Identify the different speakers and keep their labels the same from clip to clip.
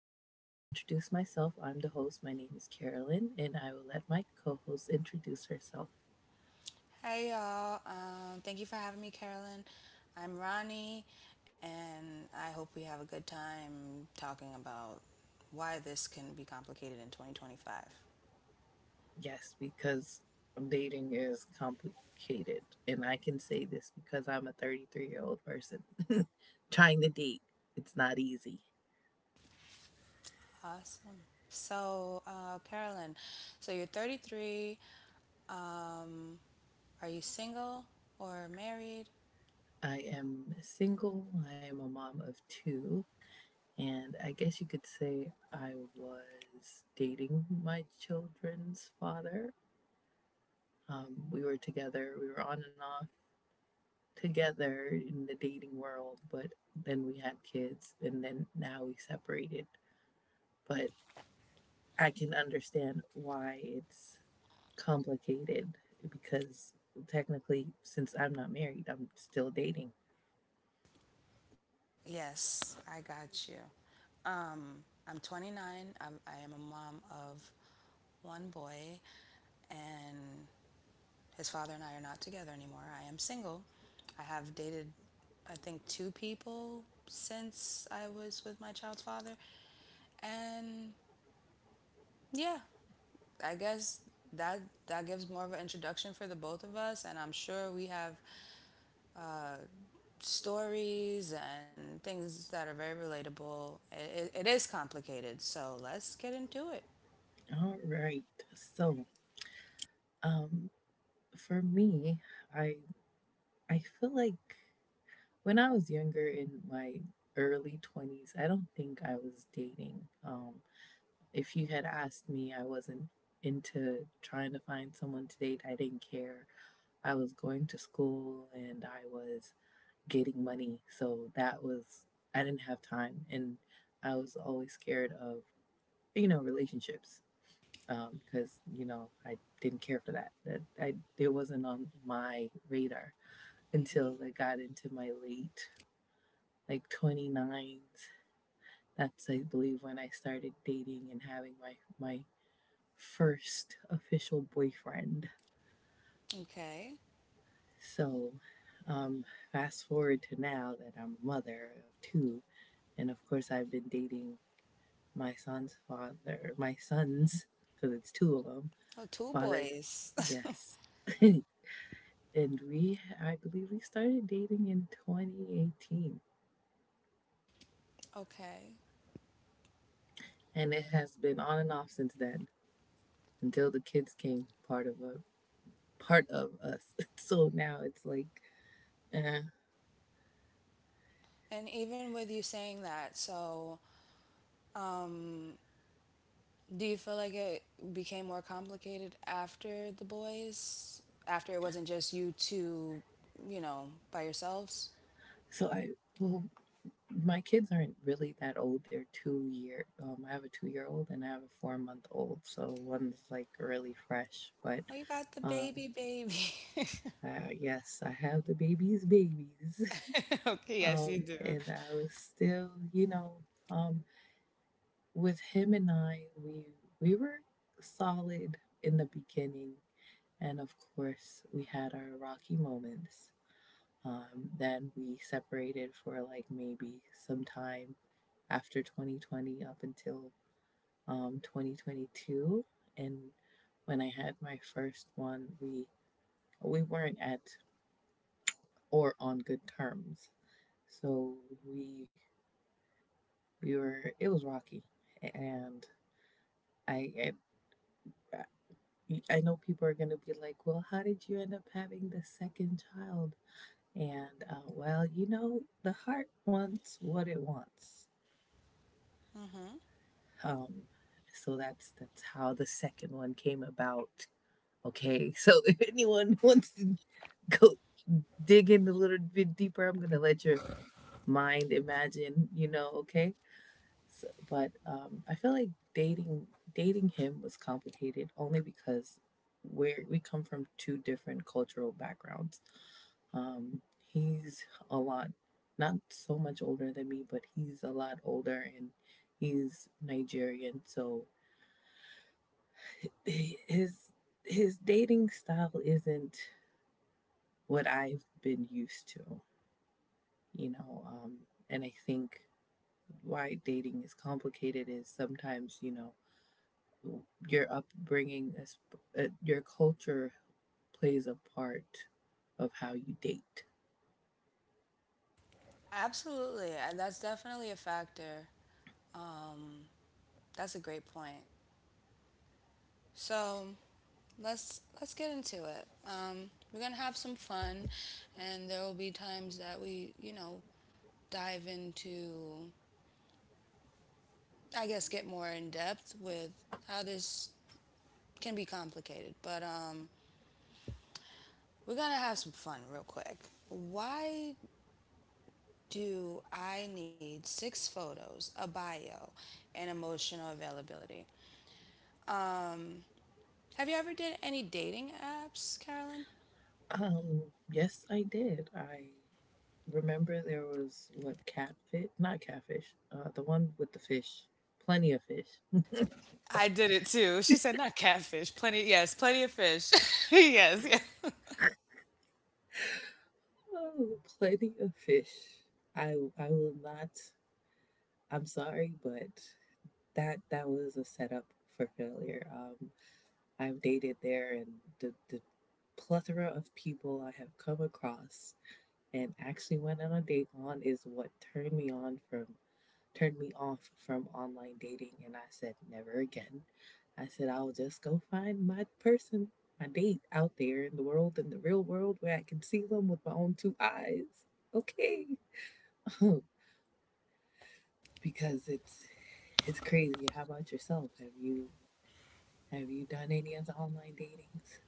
Speaker 1: And I'll introduce myself. I'm the host. My name is Carolyn, and I will let my co host introduce herself.
Speaker 2: Hey y'all, thank you for having me, Carolyn. I'm Ronnie, and I hope we have a good time talking about why this can be complicated in 2025.
Speaker 1: Yes, because dating is complicated. And I can say this because I'm a 33-year-old person trying to date. It's not easy.
Speaker 2: Awesome. So, Carolyn, so you're 33. Um, are you single or married?
Speaker 1: I am single. I am a mom of two. And I guess you could say I was dating my children's father. We were together, we were on and off together in the dating world, but then we had kids and then now we separated. But I can understand why it's complicated because technically, since I'm not married, I'm still dating.
Speaker 2: Yes, I got you. Um, I'm 29. I am a mom of one boy, and his father and I are not together anymore. I am single. I have dated, I think, two people since I was with my child's father. And yeah, I guess that that gives more of an introduction for the both of us. And I'm sure we have uh, stories and things that are very relatable. It is complicated, so let's get into it.
Speaker 1: All right. So, um, for me, I I feel like when I was younger in my early 20s, I don't think I was dating. If you had asked me, I wasn't into trying to find someone to date. I didn't care. I was going to school and I was getting money. So that was, I didn't have time. And I was always scared of, you know, relationships because, you know, I didn't care for that. That I, it wasn't on my radar until
Speaker 2: Mhm.
Speaker 1: I got into my late, like 29s. That's, I believe, when I started dating and having my, my first official boyfriend.
Speaker 2: Okay.
Speaker 1: So, um, Fast forward to now that I'm a mother of two, and of course, I've been dating my son's father, my son's, because it's two of them,
Speaker 2: Oh, two
Speaker 1: father,
Speaker 2: boys.
Speaker 1: yes. And we, I believe we started dating in 2018.
Speaker 2: Okay.
Speaker 1: And it has been on and off since then until the kids came part of a part of us. So now it's like, eh.
Speaker 2: And even with you saying that, so um, do you feel like it became more complicated after the boys? After it wasn't just you two, you know, by yourselves?
Speaker 1: So I, well, my kids aren't really that old. They're 2 year. I have a 2 year old and I have a 4 month old. So one's like really fresh, but
Speaker 2: Oh, you got the
Speaker 1: um,
Speaker 2: baby, baby.
Speaker 1: Yes, I have the baby's babies.
Speaker 2: Okay, yes, you do.
Speaker 1: And I was still, you know, um, with him and I, we were solid in the beginning, and of course, we had our rocky moments. Then we separated for like maybe some time after 2020 up until 2022, and when I had my first one, we weren't at or on good terms. So we we were it was rocky, and I I, I know people are gonna be like, well, how did you end up having the second child? And well, you know, the heart wants what it wants.
Speaker 2: Hmm.
Speaker 1: Um, so that's how the second one came about. Okay. So if anyone wants to go dig in a little bit deeper, I'm gonna let your mind imagine. You know, okay. So, but I feel like dating dating him was complicated only because we come from two different cultural backgrounds. Um, he's a lot, not so much older than me, but he's a lot older and he's Nigerian. So his his dating style isn't what I've been used to, you know. And I think why dating is complicated is sometimes you know your upbringing, your culture plays a part of how you date.
Speaker 2: Absolutely. And That's definitely a factor. Um, that's a great point. So let's get into it. We're gonna have some fun, and there will be times that we, you know, dive into, I guess, get more in depth with how this can be complicated, but we're gonna have some fun real quick. Why do I need six photos, a bio, and emotional availability? Um, have you ever did any dating apps, Carolyn?
Speaker 1: Yes, I did. I remember there was what catfish, not catfish, the one with the fish, plenty of fish.
Speaker 2: I did it too. She said, not catfish. Plenty, yes, plenty of fish. Yes, yes.
Speaker 1: Oh, plenty of fish. I I will not. I'm sorry, but that was a setup for failure. I've dated there, and the plethora of people I have come across and actually went on a date on is what turned me on from turned me off from online dating and I said never again. I said I'll just go find my person, my date out there in the world in the real world where I can see them with my own two eyes. Okay. Because it's crazy. How about yourself? Have you done any of the online datings?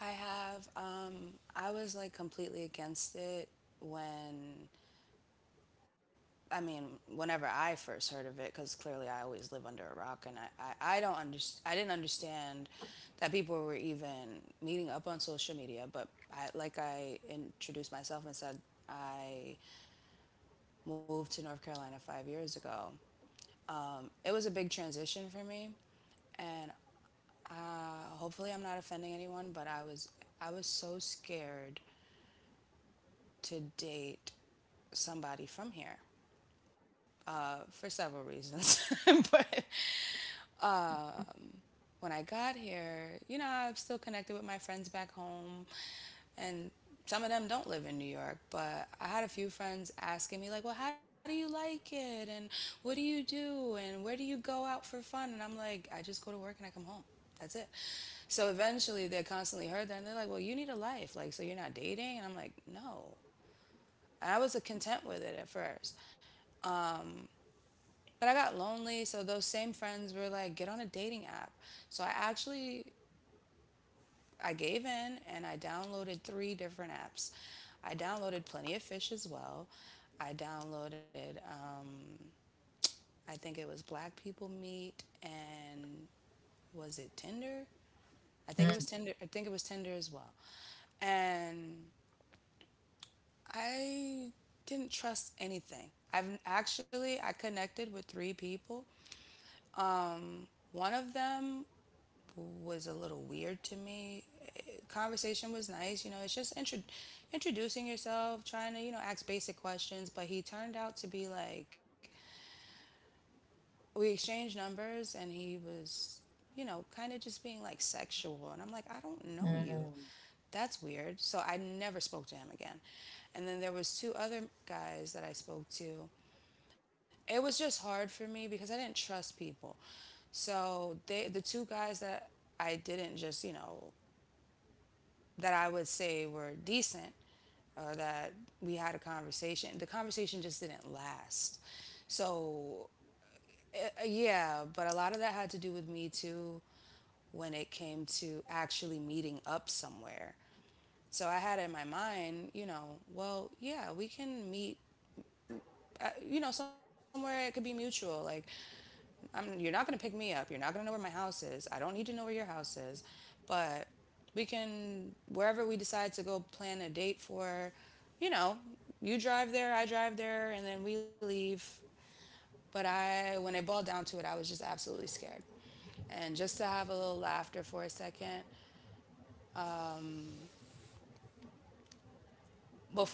Speaker 2: I have. I was like completely against it when I mean, whenever I first heard of it, because clearly I always live under a rock, and I didn't understand that people were even meeting up on social media. But I introduced myself and said, I moved to North Carolina 5 years ago. It was a big transition for me, and uh, hopefully I'm not offending anyone, but I was so scared to date somebody from here for several reasons, but when I got here, you know, I'm still connected with my friends back home, and some of them don't live in New York, but I had a few friends asking me, like, well, how do you like it? And what do you do? And where do you go out for fun? And I'm like, I just go to work and I come home. That's it. So eventually they constantly heard that and they're like, well, you need a life. Like, so you're not dating? And I'm like, no. And I was content with it at first. But I got lonely. So those same friends were like, get on a dating app. So I gave in and I downloaded three different apps. I downloaded Plenty of Fish as well. I downloaded, I think it was Black People Meet and was it Tinder? I think
Speaker 1: Mm,
Speaker 2: it was Tinder. I think it was Tinder as well. And I didn't trust anything. I connected with three people. One of them was a little weird to me. Conversation was nice, you know, it's just introducing yourself, trying to, you know, ask basic questions. But he turned out to be like, we exchanged numbers and he was, you know, kind of just being like sexual. And I'm like, I don't know you.
Speaker 1: mm.
Speaker 2: That's weird. So I never spoke to him again. And then there was two other guys that I spoke to. It was just hard for me because I didn't trust people. So the two guys that I didn't just, you know, that I would say were decent or that we had a conversation. The conversation just didn't last. So, yeah, but a lot of that had to do with me too when it came to actually meeting up somewhere. So I had in my mind, you know, well, yeah, we can meet, you know, somewhere it could be mutual. Like, you're not going to pick me up. You're not going to know where my house is. I don't need to know where your house is. But we can, wherever we decide to go plan a date for, you know, you drive there, I drive there, and then we leave. When it boiled down to it, I was just absolutely scared. And just to have a little laughter for a second,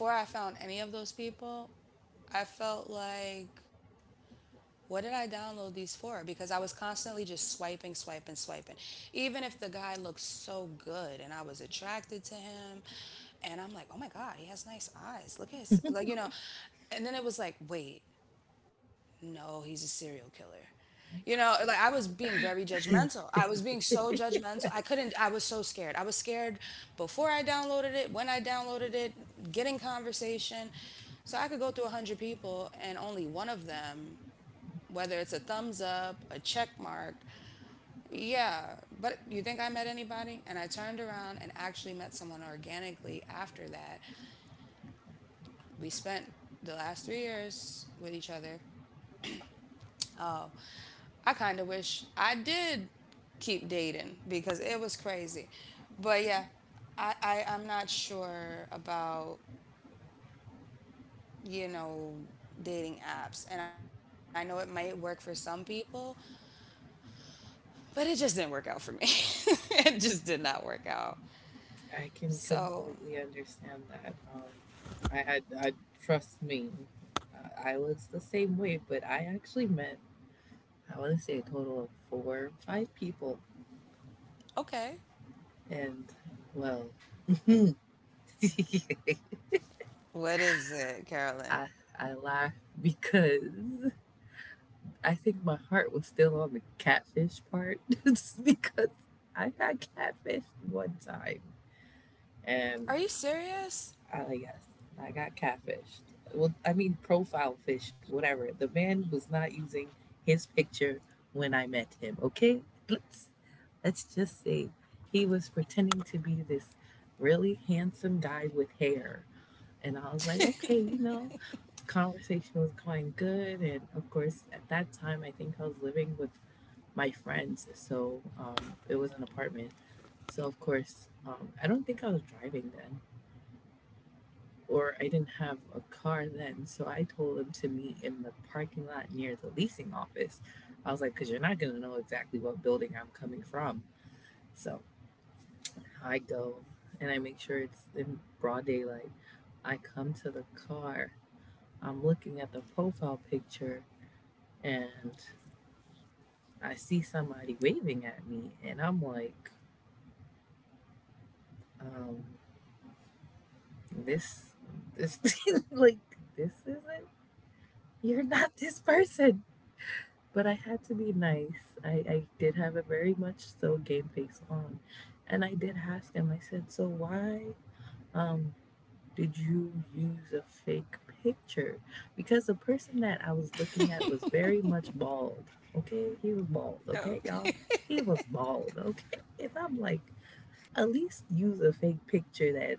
Speaker 2: before I found any of those people, I felt like what did I download these for? Because I was constantly just swiping, swiping, swiping. Even if the guy looked so good and I was attracted to him, and I'm like, oh my God, he has nice eyes. Look at his, like, you know. And then it was like, wait, no, he's a serial killer. You know, like I was being very judgmental. I was being so judgmental. I couldn't, I was so scared. I was scared before I downloaded it, when I downloaded it, getting conversation. So I could go through 100 people and only one of them whether it's a thumbs up, a check mark. Yeah, but you think I met anybody? And I turned around and actually met someone organically after that. We spent the last 3 years with each other. Oh, I kind of wish I did keep dating because it was crazy. But yeah, I'm not sure about, you know, dating apps. And I know it might work for some people, but it just didn't work out for me. It just did not work out.
Speaker 1: I can
Speaker 2: So
Speaker 1: completely understand that. I trust me, I was the same way, but I actually met, I want to say a total of four, five people,
Speaker 2: okay.
Speaker 1: and well,
Speaker 2: What is it, Carolyn?
Speaker 1: I, I laugh because I think my heart was still on the catfish part, just because I got catfish one time,
Speaker 2: Are you
Speaker 1: and
Speaker 2: serious?
Speaker 1: Yes, I got catfished. Well, I mean, profile fished, whatever. The man was not using his picture when I met him. Okay, let's let's just say he was pretending to be this really handsome guy with hair, and I was like, okay, you know, conversation was going good, and of course, at that time, I think I was living with my friends, so it was an apartment. So of course, I don't think I was driving then or I didn't have a car then. So I told him to meet in the parking lot near the leasing office. I was like, because you're not going to know exactly what building I'm coming from. So I go and I make sure it's in broad daylight. I come to the car. I'm looking at the profile picture and I see somebody waving at me. And I'm like, um, this, this, like, this isn't, you're not this person. But I had to be nice. I did have a very much so game face on. And I did ask him, I said, so why um did you use a fake picture? Because the person that I was looking at was very much bald. Okay? He was
Speaker 2: Oh,
Speaker 1: bald, okay, y'all? He was bald, okay? And I'm like, at least use a fake picture that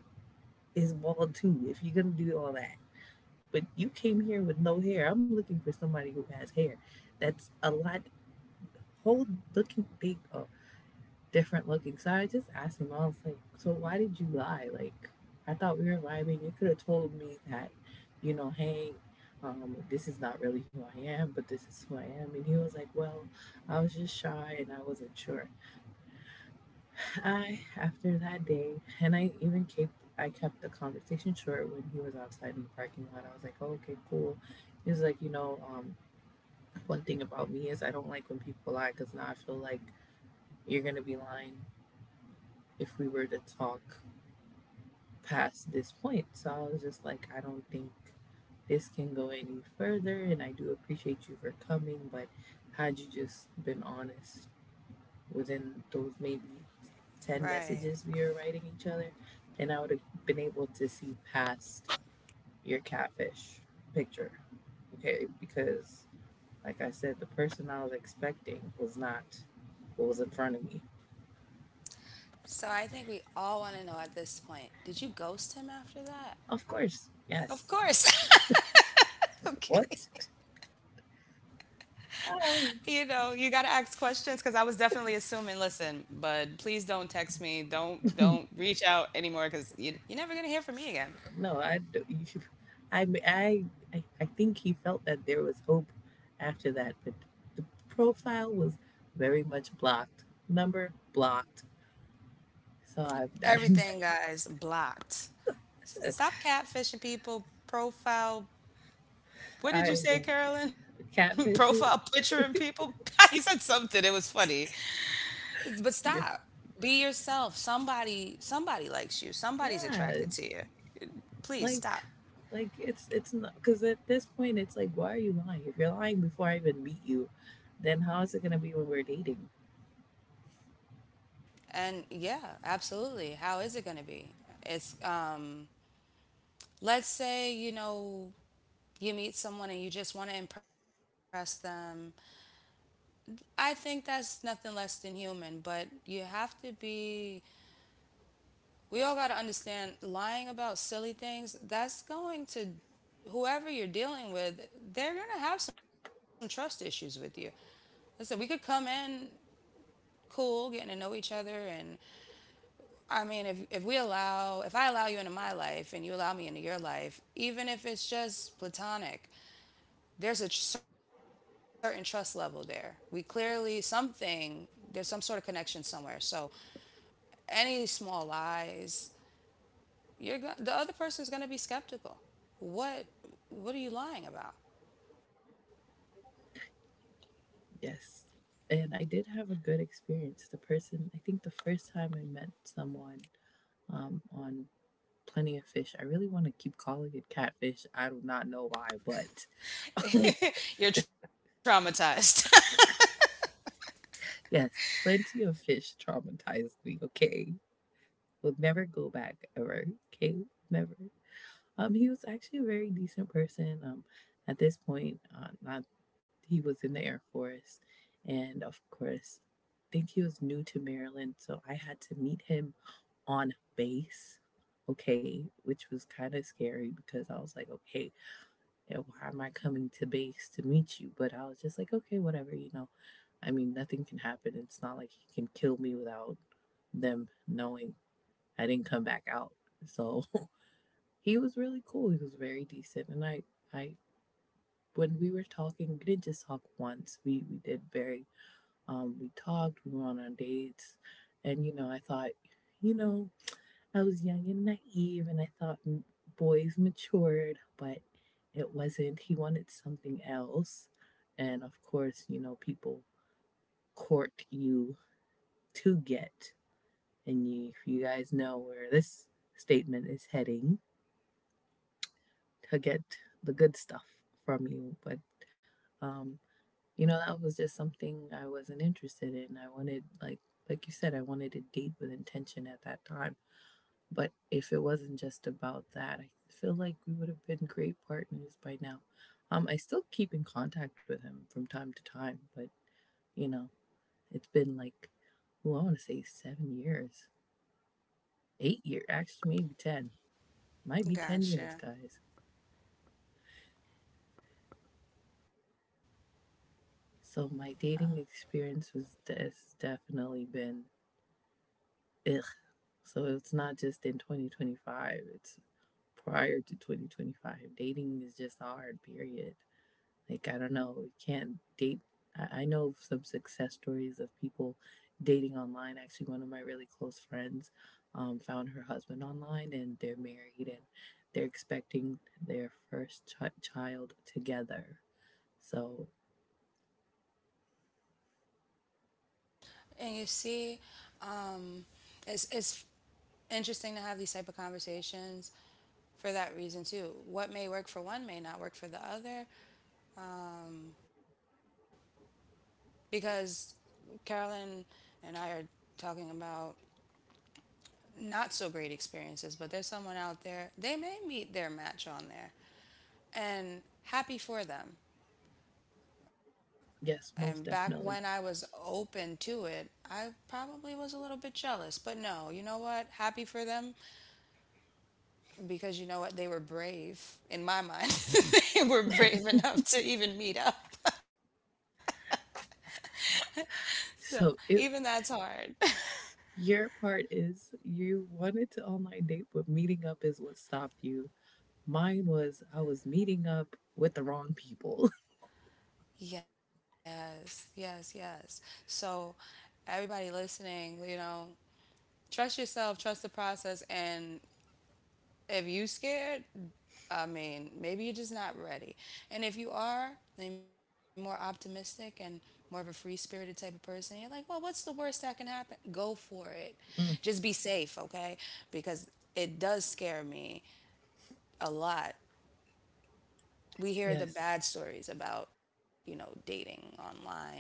Speaker 1: is bald too, if you're gonna do all that. But you came here with no hair. I'm looking for somebody who has hair. That's a lot whole looking thing oh, different looking. So I just asked him, I was like, so why did you lie? Like, I thought we were vibing. You could have told me that, you know, hey, this is not really who I am, but this is who I am. And he was like, well, I was just shy and I wasn't sure. After that day, and I even kept. I kept the conversation short when he was outside in the parking lot. I was like, oh, okay, cool. He was like, you know, one thing about me is I don't like when people lie because now I feel like you're gonna be lying if we were to talk past this point. So I was just like, I don't think this can go any further, and I do appreciate you for coming, but had you just been honest within those maybe 10
Speaker 2: right.
Speaker 1: messages we were writing each other, then I would have been able to see past your catfish picture. Okay, because like I said, the person I was expecting was not what was in front of me.
Speaker 2: So I think we all want to know at this point. Did you ghost him after that?
Speaker 1: Of course,
Speaker 2: Of
Speaker 1: yes.
Speaker 2: course. Okay.
Speaker 1: What?
Speaker 2: You know,
Speaker 1: Oh,
Speaker 2: you got to ask questions because I was definitely assuming, listen, bud, please don't text me. Don't reach out anymore because you're never going to hear from me again.
Speaker 1: no, I, d- you- I, m- I think he felt that there was hope after that, but the profile was very much blocked. Number blocked. So I,
Speaker 2: Everything, guys, blocked. Stop catfishing people. Profile.
Speaker 1: I was
Speaker 2: What
Speaker 1: like,
Speaker 2: did you say, Carolyn?
Speaker 1: catfish it.
Speaker 2: Profile picture and people? He said something. It was funny. But
Speaker 1: Yeah.
Speaker 2: stop. Be yourself. Somebody likes you. Somebody's
Speaker 1: Yeah,
Speaker 2: attracted to you. Please
Speaker 1: like,
Speaker 2: stop.
Speaker 1: it's not because at this point it's like, why are you lying? If you're lying before I even meet you, then how is it gonna be when we're dating?
Speaker 2: And yeah, absolutely. How is it going to be? It's let's say, you know, you meet someone and you just want to impress them. I think that's nothing less than human, but you have to be we all got to understand lying about silly things that's going to whoever you're dealing with, they're going to have some trust issues with you. Listen, we could come in cool getting to know each other and I mean if we allow if I allow you into my life and you allow me into your life even if it's just platonic, there's a certain trust level there. We clearly something, there's some sort of connection somewhere. So any small lies, the other person's going to be skeptical. What what are you lying about?
Speaker 1: Yes. And I did have a good experience. The person, I think the first time I met someone on Plenty of Fish, I really want to keep calling it catfish. I do not know why, but
Speaker 2: You're traumatized.
Speaker 1: yes, Plenty of Fish traumatized me, okay? Will never go back ever, okay? Never. He was actually a very decent person. Not he was in the Air Force, and of course, I think he was new to Maryland, so I had to meet him on base, okay, which was kind of scary because I was like, okay, yeah, why am I coming to base to meet you? But I was just like, okay, whatever, you know. I mean, nothing can happen. It's not like he can kill me without them knowing I didn't come back out. So he was really cool. He was very decent, and I, when we were talking, we didn't just talk once. We did very we talked, we went on our dates, and you know, I thought, you know, I was young and naive, and I thought boys matured, but it wasn't. He wanted something else. And of course, you know, people court you to get. And you, if you guys know where this statement is heading to get the good stuff from you. But um, you know that was just something I wasn't interested in. I wanted, like you said, I wanted to date with intention at that time, but if it wasn't just about that, I feel like we would have been great partners by now. I still keep in contact with him from time to time, but you know it's been like, well, I want to say 7 years, 8 year, actually maybe 10. Might be ten years guys.
Speaker 2: Gotcha.
Speaker 1: So my dating experience was has definitely been... ugh. So it's not just in 2025, it's prior to 2025. Dating is just hard, period. Like, I don't know, you can't date. I know some success stories of people dating online. Actually, one of my really close friends found her husband online, and they're married and they're expecting their child together. So,
Speaker 2: And you see, um, it's interesting to have these type of conversations for that reason too. What may work for one may not work for the other because Carolyn and I are talking about not so great experiences, but there's someone out there, they may meet their match on there. And happy for them. And
Speaker 1: yes,
Speaker 2: back
Speaker 1: most
Speaker 2: when I
Speaker 1: definitely.
Speaker 2: was open to it, I probably was a little bit jealous. But no, you know what? Happy for them because you know what? They were brave in my mind. They were brave enough to even meet up. So even
Speaker 1: So
Speaker 2: that's
Speaker 1: it
Speaker 2: hard.
Speaker 1: Your part is, you wanted to online date, but meeting up is what stopped you. Mine was, I was meeting up with the wrong people.
Speaker 2: Yes, yes, yes. So everybody listening, you know, trust yourself, trust the process, and if you scared, I mean, maybe you're just not ready. And if you are, then you're more optimistic and more of a free spirited type of person. You're like, well, what's the worst that can happen? Go for it. Just
Speaker 1: Mm,
Speaker 2: be safe, okay? Because it does scare me a lot. We hear the
Speaker 1: yes,
Speaker 2: bad stories about, you know, dating online and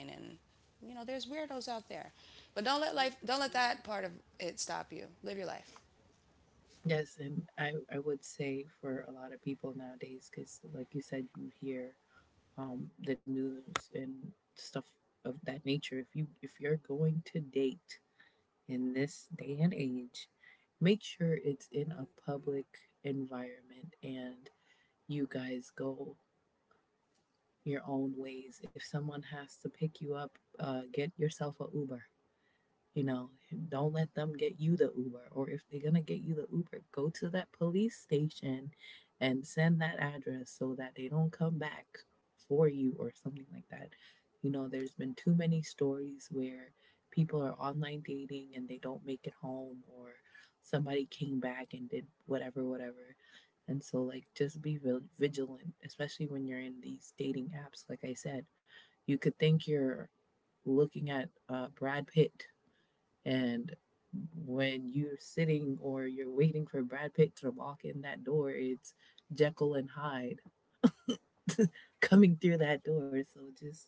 Speaker 2: you know, there's weirdos out there. But don't let life don't let that part of it stop you. Live your life.
Speaker 1: yes. And I would say for a lot of people nowadays, because like you said, you hear the news and stuff of that nature. If you, if you're going to date in this day and age, make sure it's in a public environment, and you guys go your own ways. If someone has to pick you up, get yourself a Uber. You know, don't let them get you the Uber. Or if they're going to get you the Uber, go to that police station and send that address so that they don't come back for you or something like that. You know, there's been too many stories where people are online dating and they don't make it home, or somebody came back and did whatever, whatever. And so, like, just be vigilant, especially when you're in these dating apps. Like I said, you could think you're looking at Brad Pitt, and when you're sitting, or you're waiting for Brad Pitt to walk in that door, it's Jekyll and Hyde coming through that door. So just,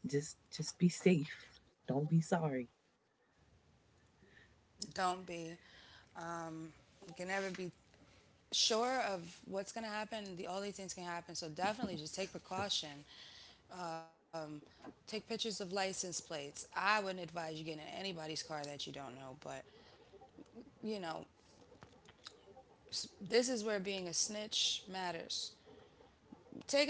Speaker 1: just be safe. Don't be sorry.
Speaker 2: Don't be um, you can never be sure of what's going to happen. All these things can happen. So definitely just take precaution. Take pictures of license plates. I wouldn't advise you getting in anybody's car that you don't know, but you know, this is where being a snitch matters.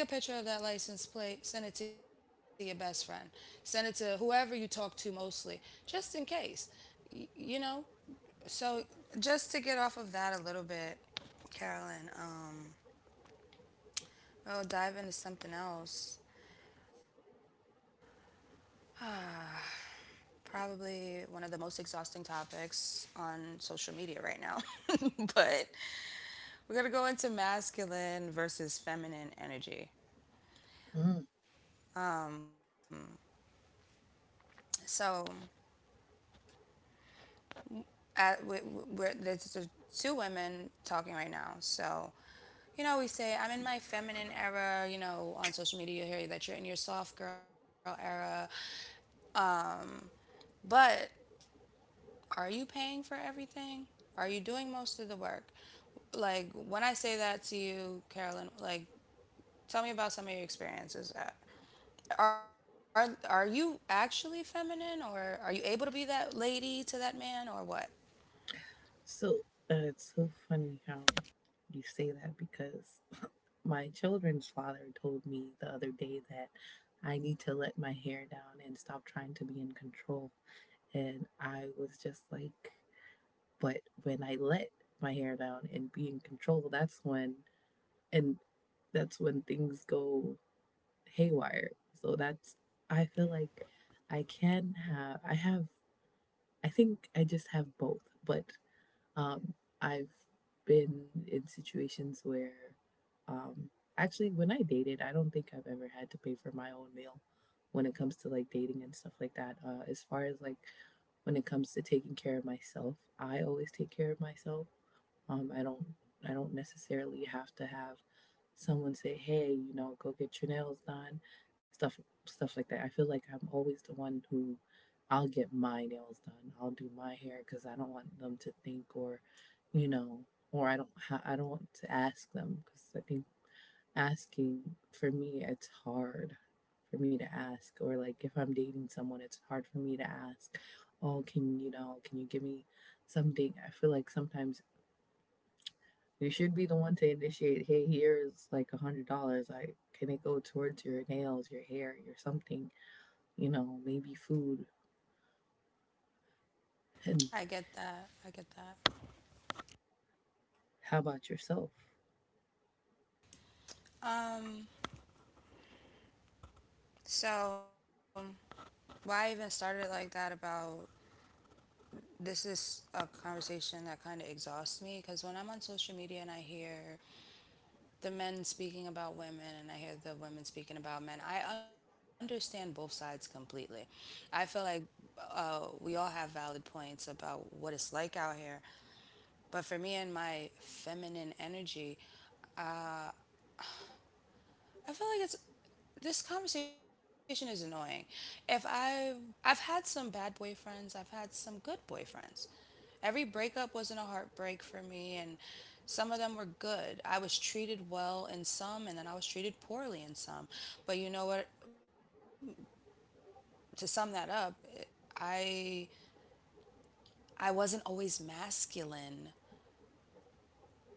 Speaker 2: Take a picture of that license plate, send it to your best friend, send it to whoever you talk to mostly, just in case. You know, so just to get off of that a little bit, Carolyn, I'll dive into something else. Probably one of the most exhausting topics on social media right now. But we're going to go into masculine versus feminine energy.
Speaker 1: Mm.
Speaker 2: So, at, we, we're, there's two women talking right now. So, you know, we say, I'm in my feminine era, you know, on social media, you hear that you're in your soft girl era. But are you paying for everything? Are you doing most of the work? Like, when I say that to you, Carolyn, like, tell me about some of your experiences. Are you actually feminine, or are you able to be that lady to that man, or what?
Speaker 1: So it's so funny how you say that, because my children's father told me the other day that I need to let my hair down and stop trying to be in control. And I was just like, but when I let my hair down and be in control, that's when, and that's when things go haywire. So that's, I feel like I can have, I have, I think I just have both. But um, I've been in situations where, um, actually, when I dated, I don't think I've ever had to pay for my own meal when it comes to like dating and stuff like that. As far as like when it comes to taking care of myself, I always take care of myself. Um, I don't, I don't necessarily have to have someone say, "Hey, you know, go get your nails done," stuff, stuff like that. I feel like I'm always the one who, I'll get my nails done, I'll do my hair, because I don't want them to think, or, you know, or I don't ha- I don't want to ask them, because I think asking, for me it's hard for me to ask, or like if I'm dating someone, it's hard for me to ask, oh, can, you know, can you give me something? I feel like sometimes you should be the one to initiate. Hey, here's like $100. Like, can it go towards your nails, your hair, your something? You know, maybe food.
Speaker 2: I
Speaker 1: And
Speaker 2: get that. I get that.
Speaker 1: how about yourself?
Speaker 2: Um. So why I even started it like that about this is a conversation that kind of exhausts me, because when I'm on social media and I hear the men speaking about women and I hear the women speaking about men, I understand both sides completely. I feel like we all have valid points about what it's like out here. But for me and my feminine energy, I feel like it's this conversation is annoying. If I I've had some bad boyfriends, I've had some good boyfriends. Every breakup wasn't a heartbreak for me, and some of them were good. I was treated well in some and then I was treated poorly in some. But you know what, to sum that up, I I wasn't always masculine,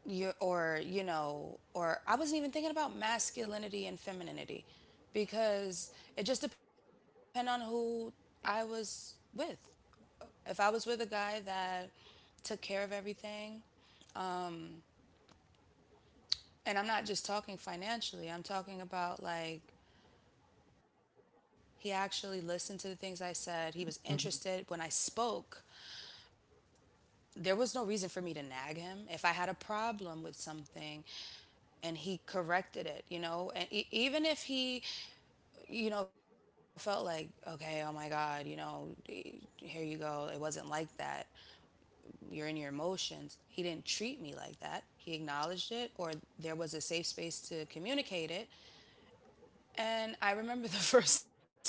Speaker 2: you know, or I wasn't even thinking about masculinity and femininity, because it just depended on who I was with. If I was with a guy that took care of everything, and I'm not just talking financially, I'm talking about like he actually listened to the things I said, he was interested when
Speaker 1: Mhm.
Speaker 2: I spoke, there was no reason for me to nag him. If I had a problem with something and he corrected it, you know, and even if he, you know, felt like, okay, oh my God, you know, here you go. It wasn't like that. You're in your emotions. He didn't treat me like that. He acknowledged it, or there was a safe space to communicate it. And I remember the first time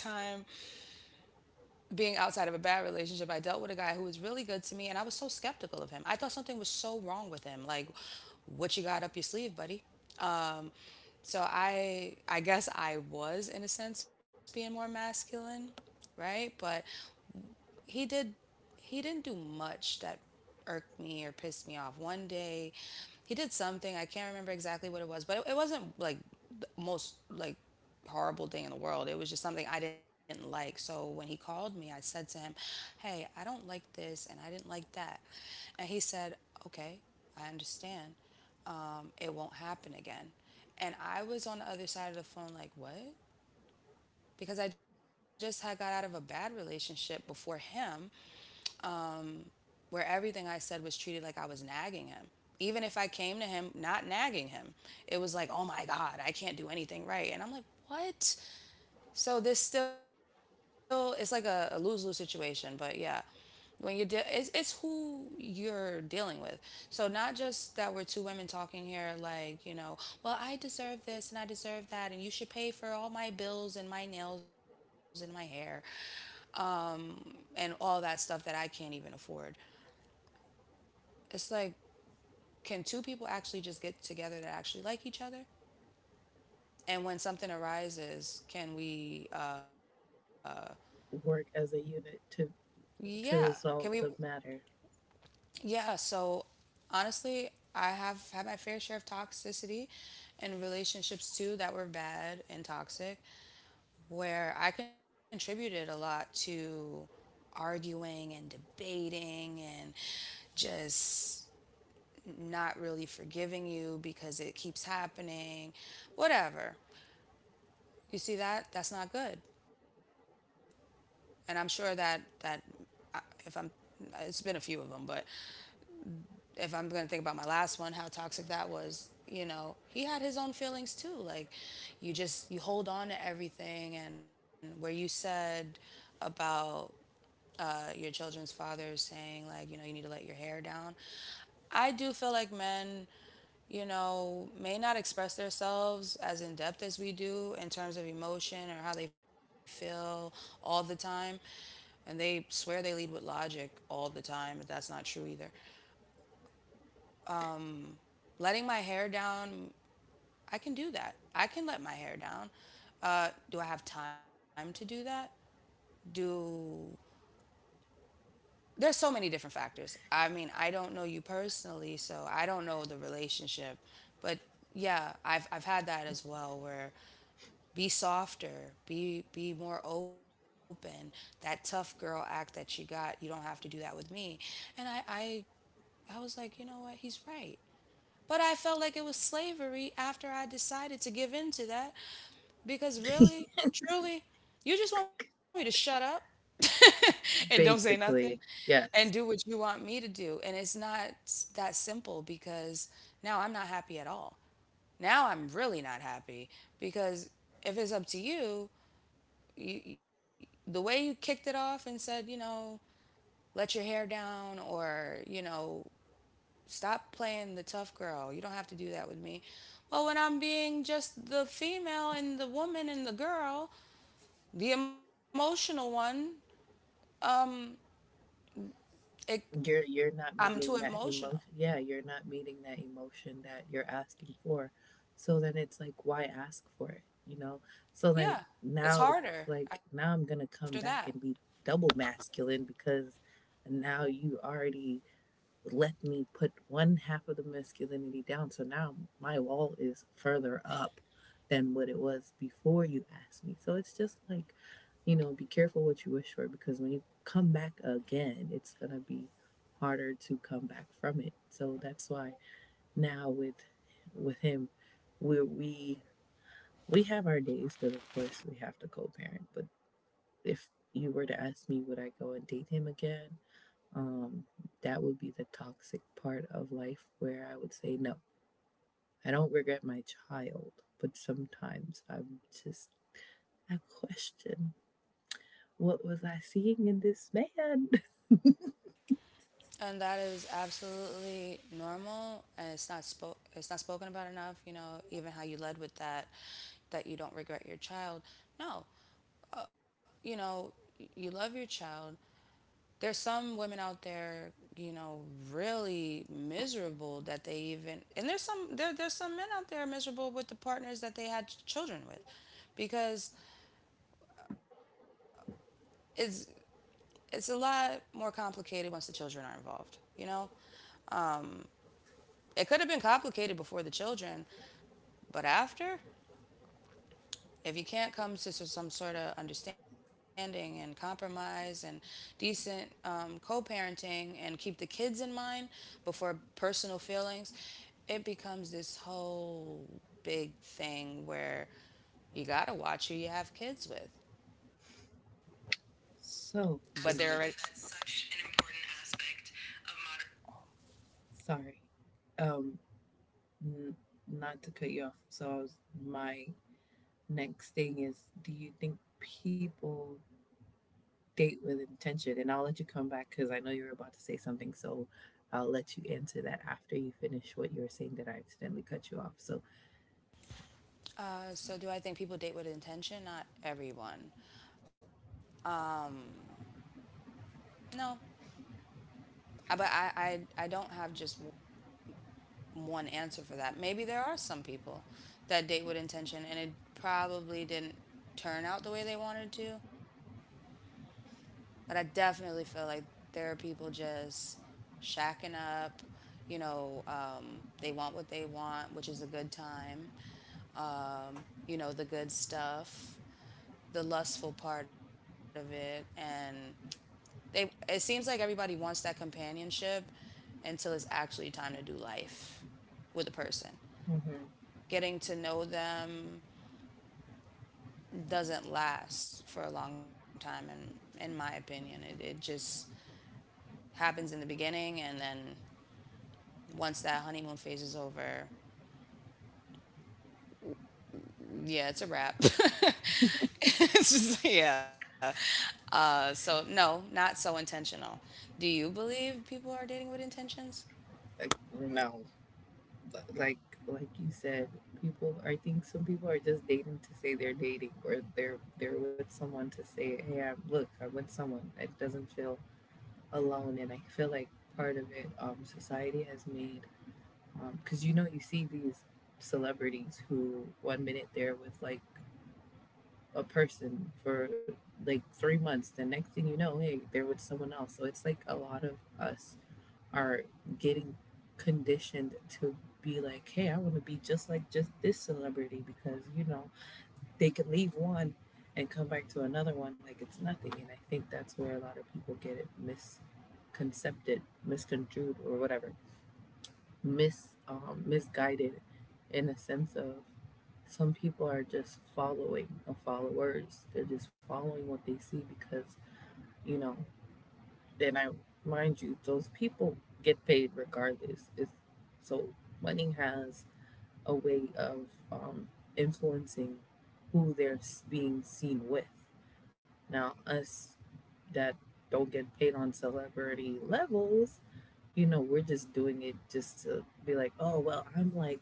Speaker 2: being outside of a bad relationship, I dealt with a guy who was really good to me, and I was so skeptical of him. I thought something was so wrong with him. Like, what you got up your sleeve, buddy? Um, so I guess I was, in a sense, being more masculine, right? But he did he didn't do much that irked me or pissed me off. One day he did something, I can't remember exactly what it was, but it wasn't like the most, like, horrible thing in the world. It was just something I didn't like. So when he called me, I said to him, "Hey, I don't like this and I didn't like that." And he said, "Okay, I understand. It won't happen again." And I was on the other side of the phone like, "What?" Because I just had got out of a bad relationship before him. Um, where everything I said was treated like I was nagging him. Even if I came to him not nagging him, it was like, oh my God, I can't do anything right. And I'm like, what? So this still, it's like a lose lose situation. But yeah, it's who you're dealing with. So not just that we're two women talking here, like, you know, well, I deserve this and I deserve that. And you should pay for all my bills and my nails and my hair and all that stuff that I can't even afford. It's like, can two people actually just get together that actually like each other? And when something arises, can we,
Speaker 1: Work as a unit to
Speaker 2: yeah,
Speaker 1: to
Speaker 2: can we,
Speaker 1: resolve the matter.
Speaker 2: yeah. So honestly, I have had my fair share of toxicity in relationships too that were bad and toxic, where I contributed a lot to arguing and debating and just not really forgiving you because it keeps happening, whatever. You see that? That's not good. And I'm sure that if I'm, it's been a few of them, but if I'm going to think about my last one, how toxic that was, you know, he had his own feelings too. Like you just, you hold on to everything. And where you said about your children's father saying like, you know, you need to let your hair down, I do feel like men, you know, may not express themselves as in depth as we do in terms of emotion or how they feel all the time, and they swear they lead with logic all the time, but that's not true either. Letting my hair down, I can do that. I can let my hair down. Do I have time to do that? Do There's so many different factors. I mean, I don't know you personally, so I don't know the relationship, but yeah, I've had that as well where be softer, be more open. That tough girl act that she got, you don't have to do that with me. And I was like, you know what? He's right. But I felt like it was slavery after I decided to give in to that, because really, truly, you just want me to shut up and don't say nothing
Speaker 1: Basically,
Speaker 2: and
Speaker 1: yes.
Speaker 2: do what you want me to do. And it's not s- that simple because now I'm not happy at all. Now I'm really not happy, because if it's up to you, you- the way you kicked it off and said, you know, let your hair down or, you know, stop playing the tough girl. You don't have to do that with me. Well, when I'm being just the female and the woman and the girl, the emotional one, it
Speaker 1: You're not
Speaker 2: I'm too
Speaker 1: meeting that emotion.
Speaker 2: emotional.
Speaker 1: Yeah, you're not meeting that emotion that you're asking for. So then it's like, why ask for it, you know? So then
Speaker 2: Yeah, it's
Speaker 1: now it's
Speaker 2: harder
Speaker 1: like,
Speaker 2: after
Speaker 1: now I'm
Speaker 2: that.
Speaker 1: going to come back and be double masculine, because now you already let me put one half of the masculinity down. So now my wall is further up than what it was before you asked me. So it's just like, you know, be careful what you wish for, because when you come back again, it's going to be harder to come back from it. So that's why now with him, where we have our days, because of course we have to co-parent, but if you were to ask me, would I go and date him again, um, that would be the toxic part of life, where I would say no. I don't regret my child, but sometimes I'm just, I question, what was I seeing in this man?
Speaker 2: And that is absolutely normal, and it's not spoke it's not spoken about enough, you know, even how you led with that that you don't regret your child. No. You know, you love your child. There's some women out there, you know, really miserable that they even, and there's some there's some men out there miserable with the partners that they had children with, because it's it's a lot more complicated once the children are involved, you know? It could have been complicated before the children, but after, if you can't come to some sort of understanding and compromise and decent, co parenting and keep the kids in mind before personal feelings, it becomes this whole big thing where you gotta watch who you have kids with. But
Speaker 1: So,
Speaker 2: they're already.
Speaker 1: and
Speaker 2: That's
Speaker 1: I,
Speaker 2: such an important aspect of modern.
Speaker 1: sorry, um, n- not to cut you off. So, I was, my next thing is, do you think people date with intention? And I'll let you come back because I know you're about to say something. So I'll let you answer that after you finish what you were saying that I accidentally cut you off. So,
Speaker 2: So do I think people date with intention? Not everyone. Um, no, but I don't have just one answer for that. Maybe there are some people that date with intention, and it probably didn't turn out the way they wanted to. But I definitely feel like there are people just shacking up. You know, they want what they want, which is a good time. You know, the good stuff, the lustful part of it, and they it seems like everybody wants that companionship until it's actually time to do life with a person.
Speaker 1: mm-hmm.
Speaker 2: Getting to know them doesn't last for a long time, and in my opinion. It just happens in the beginning, and then once that honeymoon phase is over, yeah, it's a wrap. It's just yeah. So no, not so intentional. Do you believe people are dating with intentions?
Speaker 1: Like, no, like, like you said, people, I think some people are just dating to say they're dating, or they're with someone to say, "Hey, I'm, look, I'm with someone." It doesn't feel alone. And I feel like part of it, society has made, because you know, you see these celebrities who one minute they're with like a person for like 3 months. The next thing you know, hey, they're with someone else. So it's like a lot of us are getting conditioned to be like, hey, I want to be just like, just this celebrity, because you know they can leave one and come back to another one like it's nothing. And I think that's where a lot of people get it misconcepted, misconstrued, or whatever, misguided, in a sense of, some people are just following, and followers. They're just following what they see, because you know. Then I, mind you, those people get paid regardless. It's, so money has a way of influencing who being seen with. Now us that don't get paid on celebrity levels, you know, we're just doing it just to be like, oh well, I'm like,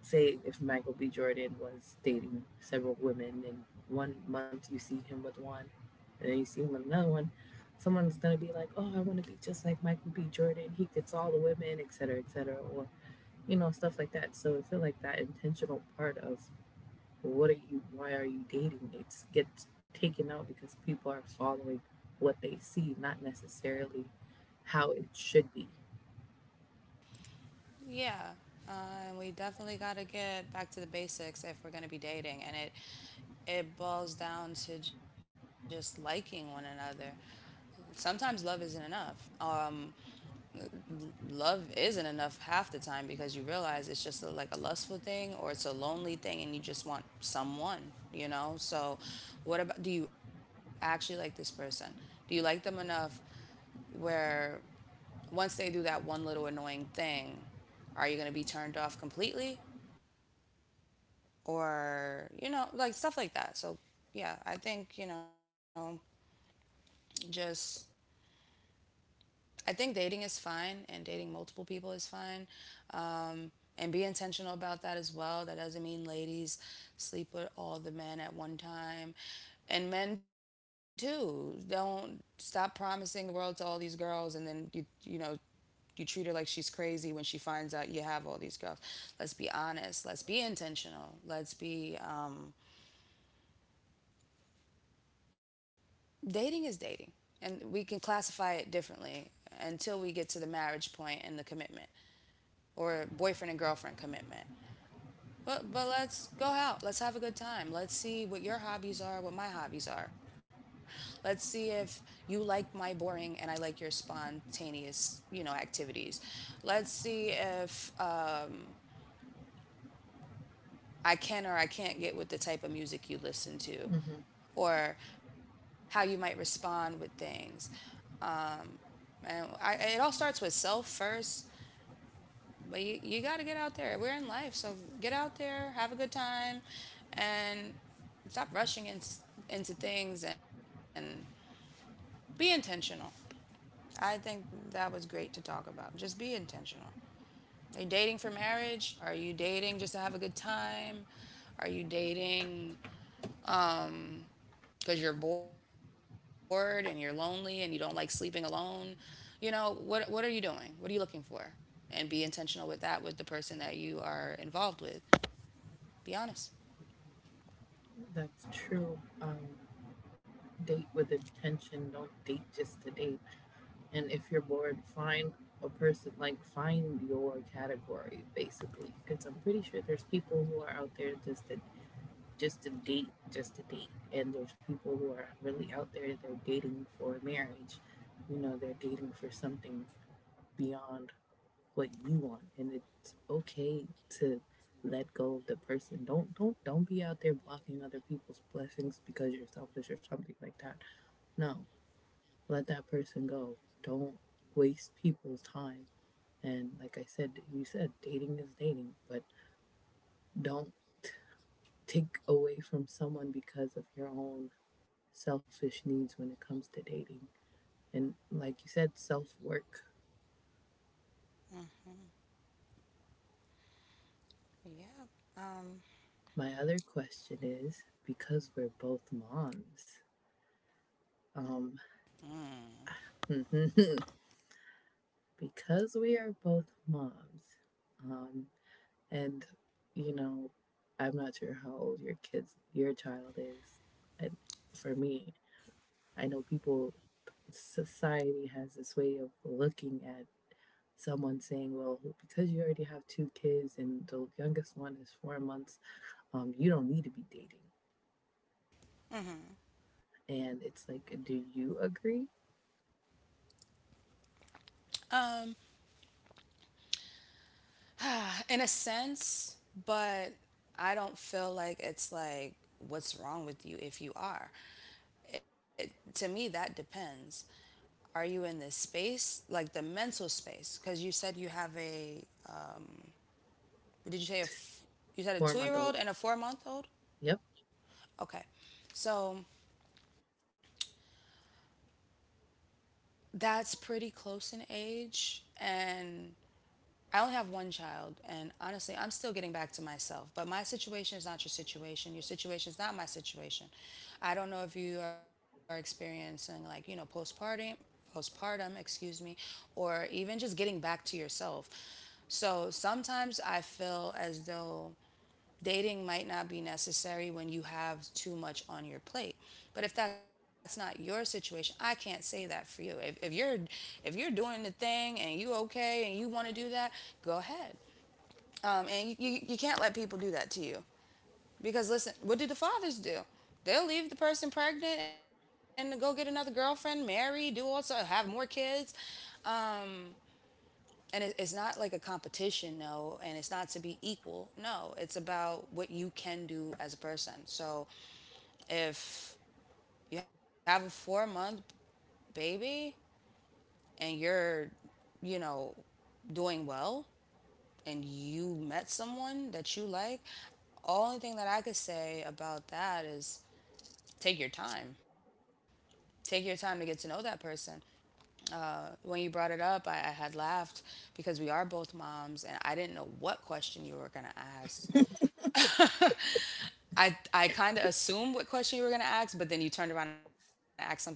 Speaker 1: say if Michael B. Jordan was dating several women, and one month you see him with one, and then you see him with another one, someone's gonna be like, oh, I wanna be just like Michael B. Jordan, he gets all the women, et cetera, or you know, stuff like that. So I feel like that intentional part of, what are you, why are you dating, it gets taken out because people are following what they see, not necessarily how it should be.
Speaker 2: Yeah, uh, we definitely got to get back to the basics if we're going to be dating, and it boils down to just liking one another. Sometimes love isn't enough. Love isn't enough half the time because you realize it's just like a lustful thing, or it's a lonely thing, and you just want someone, you know. So, what about do you actually like this person? Do you like them enough where once they do that one little annoying thing, are you going to be turned off completely? Or, you know, like stuff like that. So yeah, I think, you know, just I think dating is fine and dating multiple people is fine. um, and be intentional about that as well. That doesn't mean ladies sleep with all the men at one time, and men too, don't stop promising the world to all these girls, and then you know, you treat her like she's crazy when she finds out you have all these girls. Let's be honest, let's be intentional, let's be dating is dating, and we can classify it differently until we get to the marriage point and the commitment, or boyfriend and girlfriend commitment. But let's go out. Let's have a good time. Let's see what your hobbies are, what my hobbies are. Let's see if you like my boring and I like your spontaneous, activities. Let's see if I can or I can't get with the type of music you listen to
Speaker 1: Mm-hmm.
Speaker 2: or how you might respond with things. It all starts with self first. But you got to get out there. We're in life, so get out there, have a good time, and stop rushing into things and be intentional. I think that was great to talk about. Just be intentional. Are you dating for marriage? Are you dating just to have a good time? Are you dating um because you're bored and you're lonely and you don't like sleeping alone? You know, what are you doing? What are you looking for? And be intentional with that, with the person that you are involved with. Be honest.
Speaker 1: That's true. Date with intention, don't date just to date. And if you're bored, find a person, like find your category, basically. Because I'm pretty sure there's people who are out there just to date, just to date. And there's people who are really out there, they are dating for marriage. You know, they're dating for something beyond what you want. And it's okay to let go of the person. Don't be out there blocking other people's blessings because you're selfish or something like that. No, let that person go. Don't waste people's time. And like I said, you said dating is dating, but don't take away from someone because of your own selfish needs when it comes to dating. And like you said, self work.
Speaker 2: hmm Yeah. Um,
Speaker 1: My other question is, because we're both moms, um, because we are both moms, um, and, you know, I'm not sure how old your kids, your child is. And for me, I know people, society has this way of looking at someone saying, well, because you already have 2 kids and the youngest one is 4 months, you don't need to be dating. And it's like, do you agree?
Speaker 2: um, in a sense, but I don't feel like it's like what's wrong with you if you are. It, to me, that depends. Are you in this space, like the mental space? Because you said you have a. Did you say a? F- You said a
Speaker 1: 4 month
Speaker 2: two-year-old
Speaker 1: old.
Speaker 2: and a four-month-old.
Speaker 1: Yep.
Speaker 2: Okay, so that's pretty close in age, and I only have one child, and honestly, I'm still getting back to myself. But my situation is not your situation. Your situation is not my situation. I don't know if you are experiencing, like, you know, postpartum, postpartum, excuse me, or even just getting back to yourself. So sometimes I feel as though dating might not be necessary when you have too much on your plate, but if that's not your situation, I can't say that for you. If you're if you're doing the thing and you okay and you want to do that, go ahead. And you can't let people do that to you, because listen, what do the fathers do? They'll leave the person pregnant and go get another girlfriend, marry, do, all, also have more kids. um, and it's not like a competition. No. And it's not to be equal. No. It's about what you can do as a person. So if you have a 4-month baby and you're, you know, doing well and you met someone that you like, only thing that I could say about that is take your time. Take your time to get to know that person. When you brought it up, I had laughed because we are both moms, and I didn't know what question you were going to ask. I kind of assumed what question you were going to ask, but then you turned around and asked something different.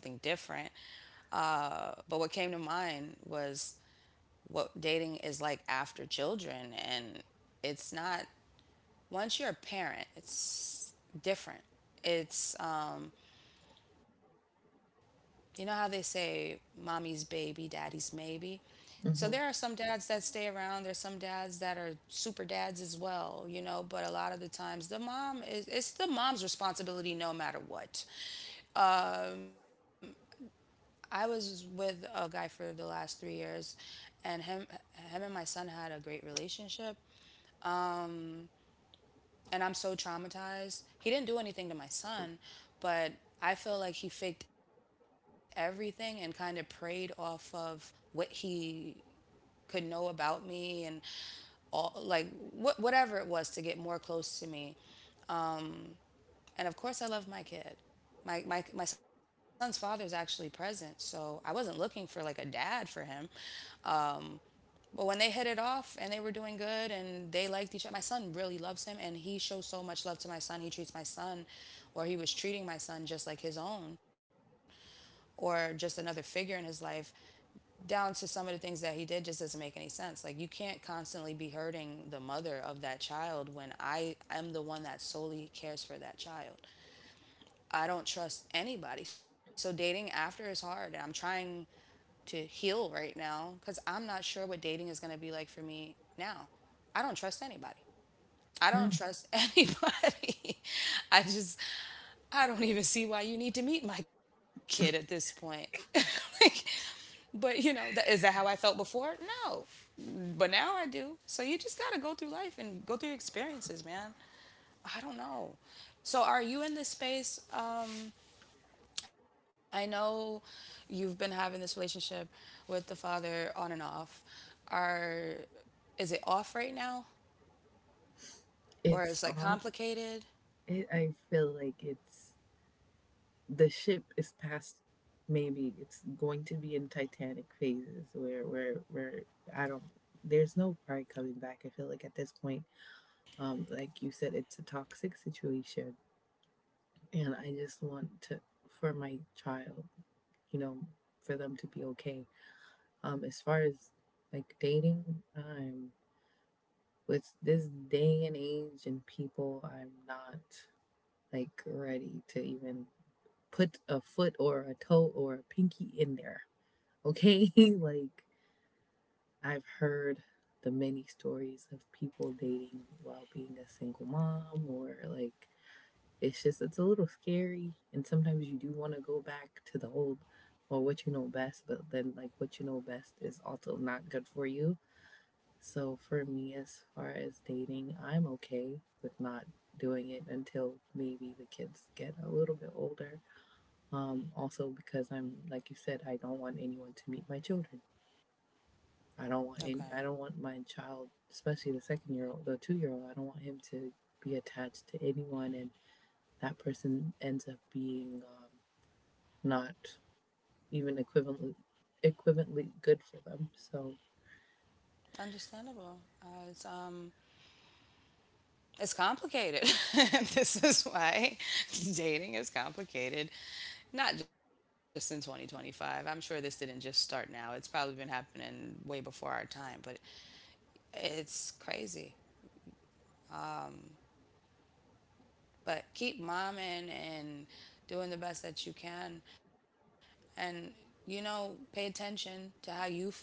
Speaker 2: But what came to mind was what dating is like after children, and it's not, once you're a parent, it's different. It's you know how they say mommy's baby, daddy's maybe. So there are some
Speaker 1: Mm-hmm.
Speaker 2: dads that stay around. There's some dads that are super dads as well, you know. But a lot of the times, the mom is, it's the mom's responsibility no matter what. I was with a guy for the last 3 years, and him and my son had a great relationship. And I'm so traumatized. He didn't do anything to my son, but I feel like he faked everything and kind of preyed off of what he could know about me and all, like, whatever it was to get more close to me. And of course, I love my kid. My son's father is actually present, so I wasn't looking for like a dad for him. But when they hit it off and they were doing good and they liked each other, my son really loves him and he shows so much love to my son. He treats my son, or he was treating my son just like his own, or just another figure in his life, down to some of the things that he did just doesn't make any sense. Like, you can't constantly be hurting the mother of that child when I am the one that solely cares for that child. I don't trust anybody. So, dating after is hard. And I'm trying to heal right now because I'm not sure what dating is going to be like for me now. I don't trust anybody. I
Speaker 1: Hmm.
Speaker 2: don't trust anybody. I just, I don't even see why you need to meet my kid at this point. Like, but you know, is that how I felt before? No. But now I do. So you just got to go through life and go through your experiences, man. I don't know. So are you in this space? I know you've been having this relationship with the father on and off. Are, is it off right now or
Speaker 1: It's
Speaker 2: is, like,
Speaker 1: off.
Speaker 2: complicated?
Speaker 1: It, I feel like it's, the ship is past, maybe it's going to be in titanic phases where where I don't, there's no pride coming back, I feel like at this point. Like you said, it's a toxic situation, and I just want to, for my child, you know, for them to be okay. As far as like dating, I'm, with this day and age and people, I'm not like ready to even put a foot or a toe or a pinky in there. Okay? Like I've heard the many stories of people dating while being a single mom, or like it's just it's a little scary. And sometimes you do want to go back to the old, or what you know best, but then like what you know best is also not good for you. So for me, as far as dating, I'm okay with not doing it until maybe the kids get a little bit older. Also because I'm like you said, I don't want anyone to meet my children. I don't want
Speaker 2: Okay.
Speaker 1: any, I don't want my child, especially the second year old, the two-year-old. I don't want him to be attached to anyone, and that person ends up being not even equivalently good for them. So,
Speaker 2: Understandable. It's um it's complicated. This is why dating is complicated. Not just in 2025. I'm sure this didn't just start now. It's probably been happening way before our time, but it's crazy. But keep momming and doing the best that you can, and you know, pay attention to how you feel.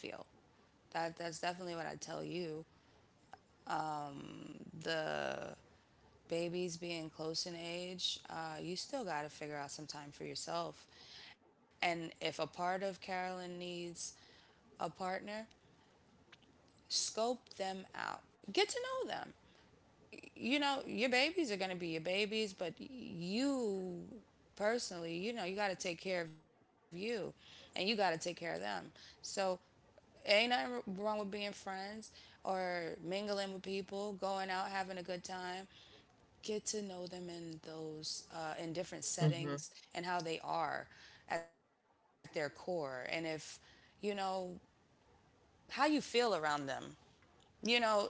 Speaker 2: That that's definitely what I tell you. The babies being close in age, you still got to figure out some time for yourself. And if a part of Carolyn needs a partner, scope them out. Get to know them. You know, your babies are going to be your babies, but you personally, you know, you got to take care of you and you got to take care of them. So, ain't nothing wrong with being friends or mingling with people, going out, having a good time. Get to know them in those, in different
Speaker 1: mm-hmm,
Speaker 2: settings and how they are at their core. And if, you know, how you feel around them, you know,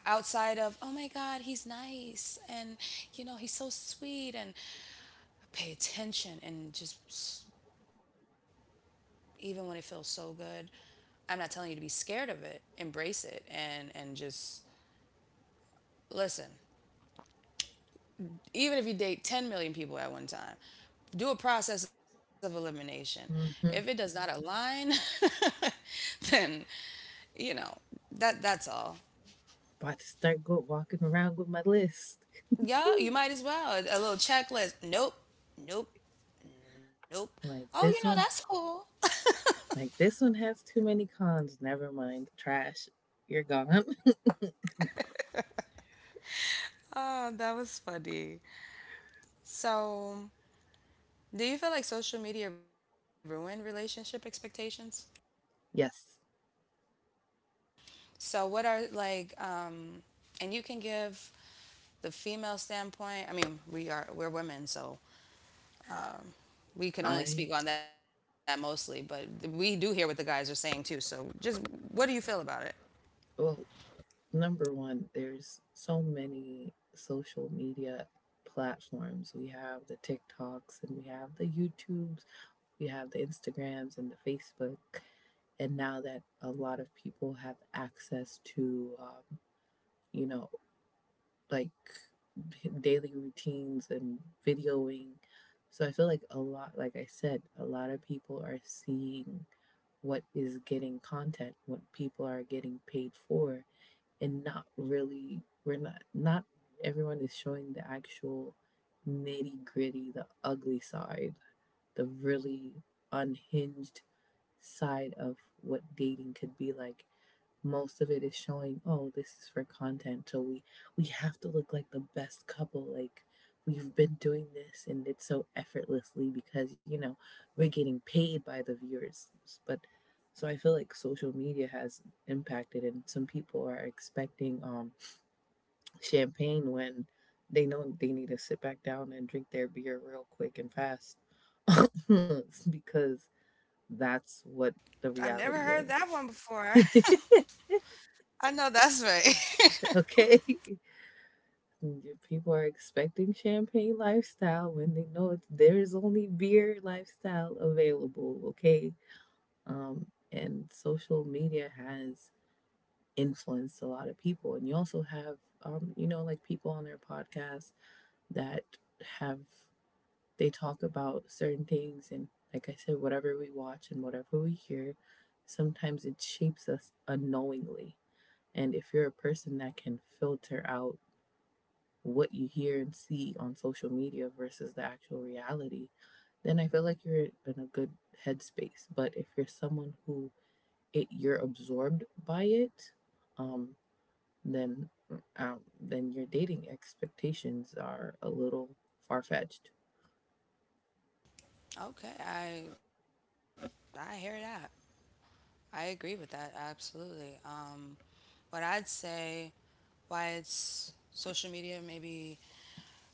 Speaker 2: outside of, oh my God, he's nice and, you know, he's so sweet, and pay attention and just, even when it feels so good, I'm not telling you to be scared of it. Embrace it and just listen. Even if you date 10 million people at one time, do a process of elimination.
Speaker 1: mm-hmm.
Speaker 2: If it does not align, then, you know, that that's all.
Speaker 1: About to start go walking around with my list.
Speaker 2: Yeah, you might as well. A little checklist. Nope, nope, nope. Oh,
Speaker 1: Like
Speaker 2: you know,
Speaker 1: this
Speaker 2: that's
Speaker 1: one,
Speaker 2: cool.
Speaker 1: like this one has too many cons. Never mind, trash. You're gone.
Speaker 2: Oh, that was funny. So, do you feel like social media ruined relationship expectations?
Speaker 1: Yes,
Speaker 2: So, what are like, and you can give the female standpoint. I mean, we're women, so
Speaker 1: I.
Speaker 2: we can only speak on that mostly. But we do hear what the guys are saying too. So, just what do you feel about it?
Speaker 1: Well, number one, there's so many social media platforms. We have the TikToks and we have the YouTubes, we have the Instagrams and the Facebook. And now that a lot of people have access to, you know, like daily routines and videoing. So I feel like a lot, like I said, a lot of people are seeing what is getting content, what people are getting paid for, and not really we're not not everyone is showing the actual nitty gritty, the ugly side, the really unhinged side of what dating could be like. Most of it is showing, oh, this is for content, so we have to look like the best couple, like we've been doing this and it's so effortlessly because you know we're getting paid by the viewers. But so I feel like social media has impacted, and some people are expecting champagne when they know they need to sit back down and drink their beer real quick and fast. Because that's what
Speaker 2: I've
Speaker 1: the
Speaker 2: never heard
Speaker 1: reality
Speaker 2: that
Speaker 1: is.
Speaker 2: one before. I know that's right.
Speaker 1: Okay. Mm, yeah, people are expecting champagne lifestyle when they know it's, there's only beer lifestyle available, okay? And social media has influenced a lot of people. And you also have, you know, like people on their podcasts that have, they talk about certain things. And like I said, whatever we watch and whatever we hear, sometimes it shapes us unknowingly. And if you're a person that can filter out what you hear and see on social media versus the actual reality, then I feel like you're in a good headspace. But if you're someone who it you're absorbed by it, um, then then your dating expectations are a little far fetched.
Speaker 2: Okay, I hear that. I agree with that absolutely. What I'd say, why it's social media maybe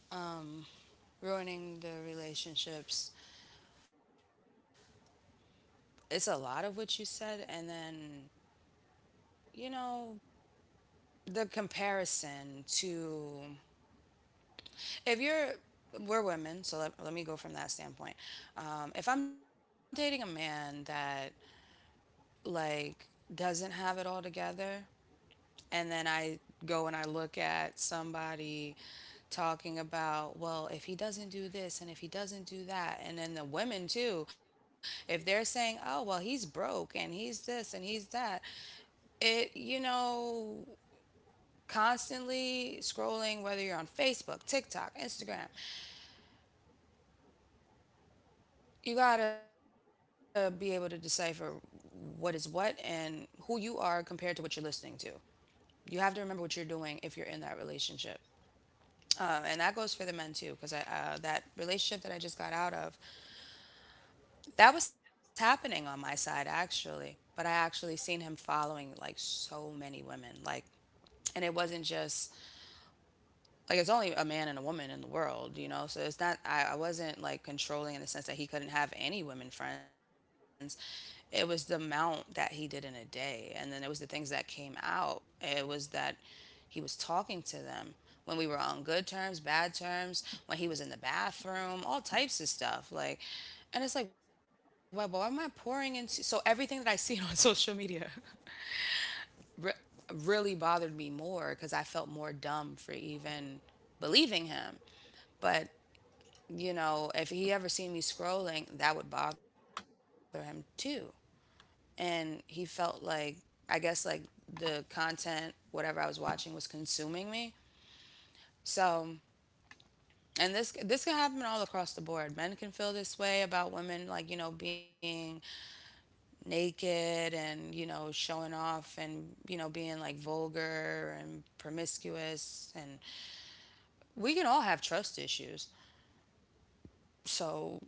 Speaker 2: um, ruining the relationships. It's a lot of what you said, and then you know the comparison to, if you're, we're women, so let me go from that standpoint. If I'm dating a man that, like, doesn't have it all together and then I go and I look at somebody talking about, well, if he doesn't do this and if he doesn't do that, and then the women too, if they're saying, oh, well, he's broke and he's this and he's that, it, you know, constantly scrolling, whether you're on Facebook, TikTok, Instagram, you gotta be able to decipher what is what and who you are compared to what you're listening to. You have to remember what you're doing if you're in that relationship. And that goes for the men too, because I that relationship that I just got out of, that was happening on my side actually. But I actually seen him following, like, so many women, like, and it wasn't just, like, it's only a man and a woman in the world, you know. So it's not, I wasn't like controlling in the sense that he couldn't have any women friends. It was the amount that he did in a day, and then it was the things that came out. It was that he was talking to them when we were on good terms, bad terms, when he was in the bathroom, all types of stuff. Like, and it's like, well, why am I pouring into? So everything that I see on social media re- really bothered me more because I felt more dumb for even believing him. But, you know, if he ever seen me scrolling, that would bother him too. And he felt like, I guess, like the content, whatever I was watching, was consuming me. So, and this can happen all across the board. Men can feel this way about women, like, you know, being naked and, you know, showing off and, you know, being like vulgar and promiscuous. And we can all have trust issues. So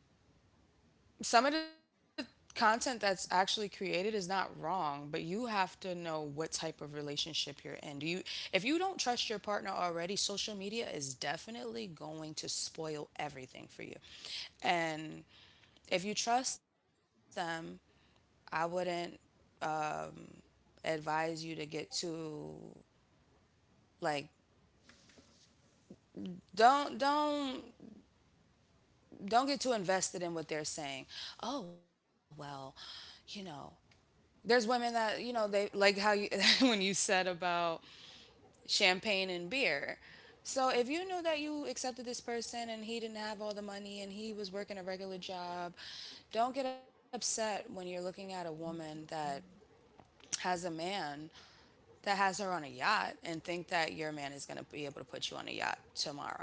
Speaker 2: some of the content that's actually created is not wrong, but you have to know what type of relationship you're in. Do you If you don't trust your partner already, social media is definitely going to spoil everything for you. And if you trust them, I wouldn't advise you to get too like don't don't don't get too invested in what they're saying. Oh, well, you know, there's women that, you know, they like how you when you said about champagne and beer. So if you knew that you accepted this person and he didn't have all the money and he was working a regular job, don't get upset when you're looking at a woman that has a man that has her on a yacht and think that your man is going to be able to put you on a yacht tomorrow.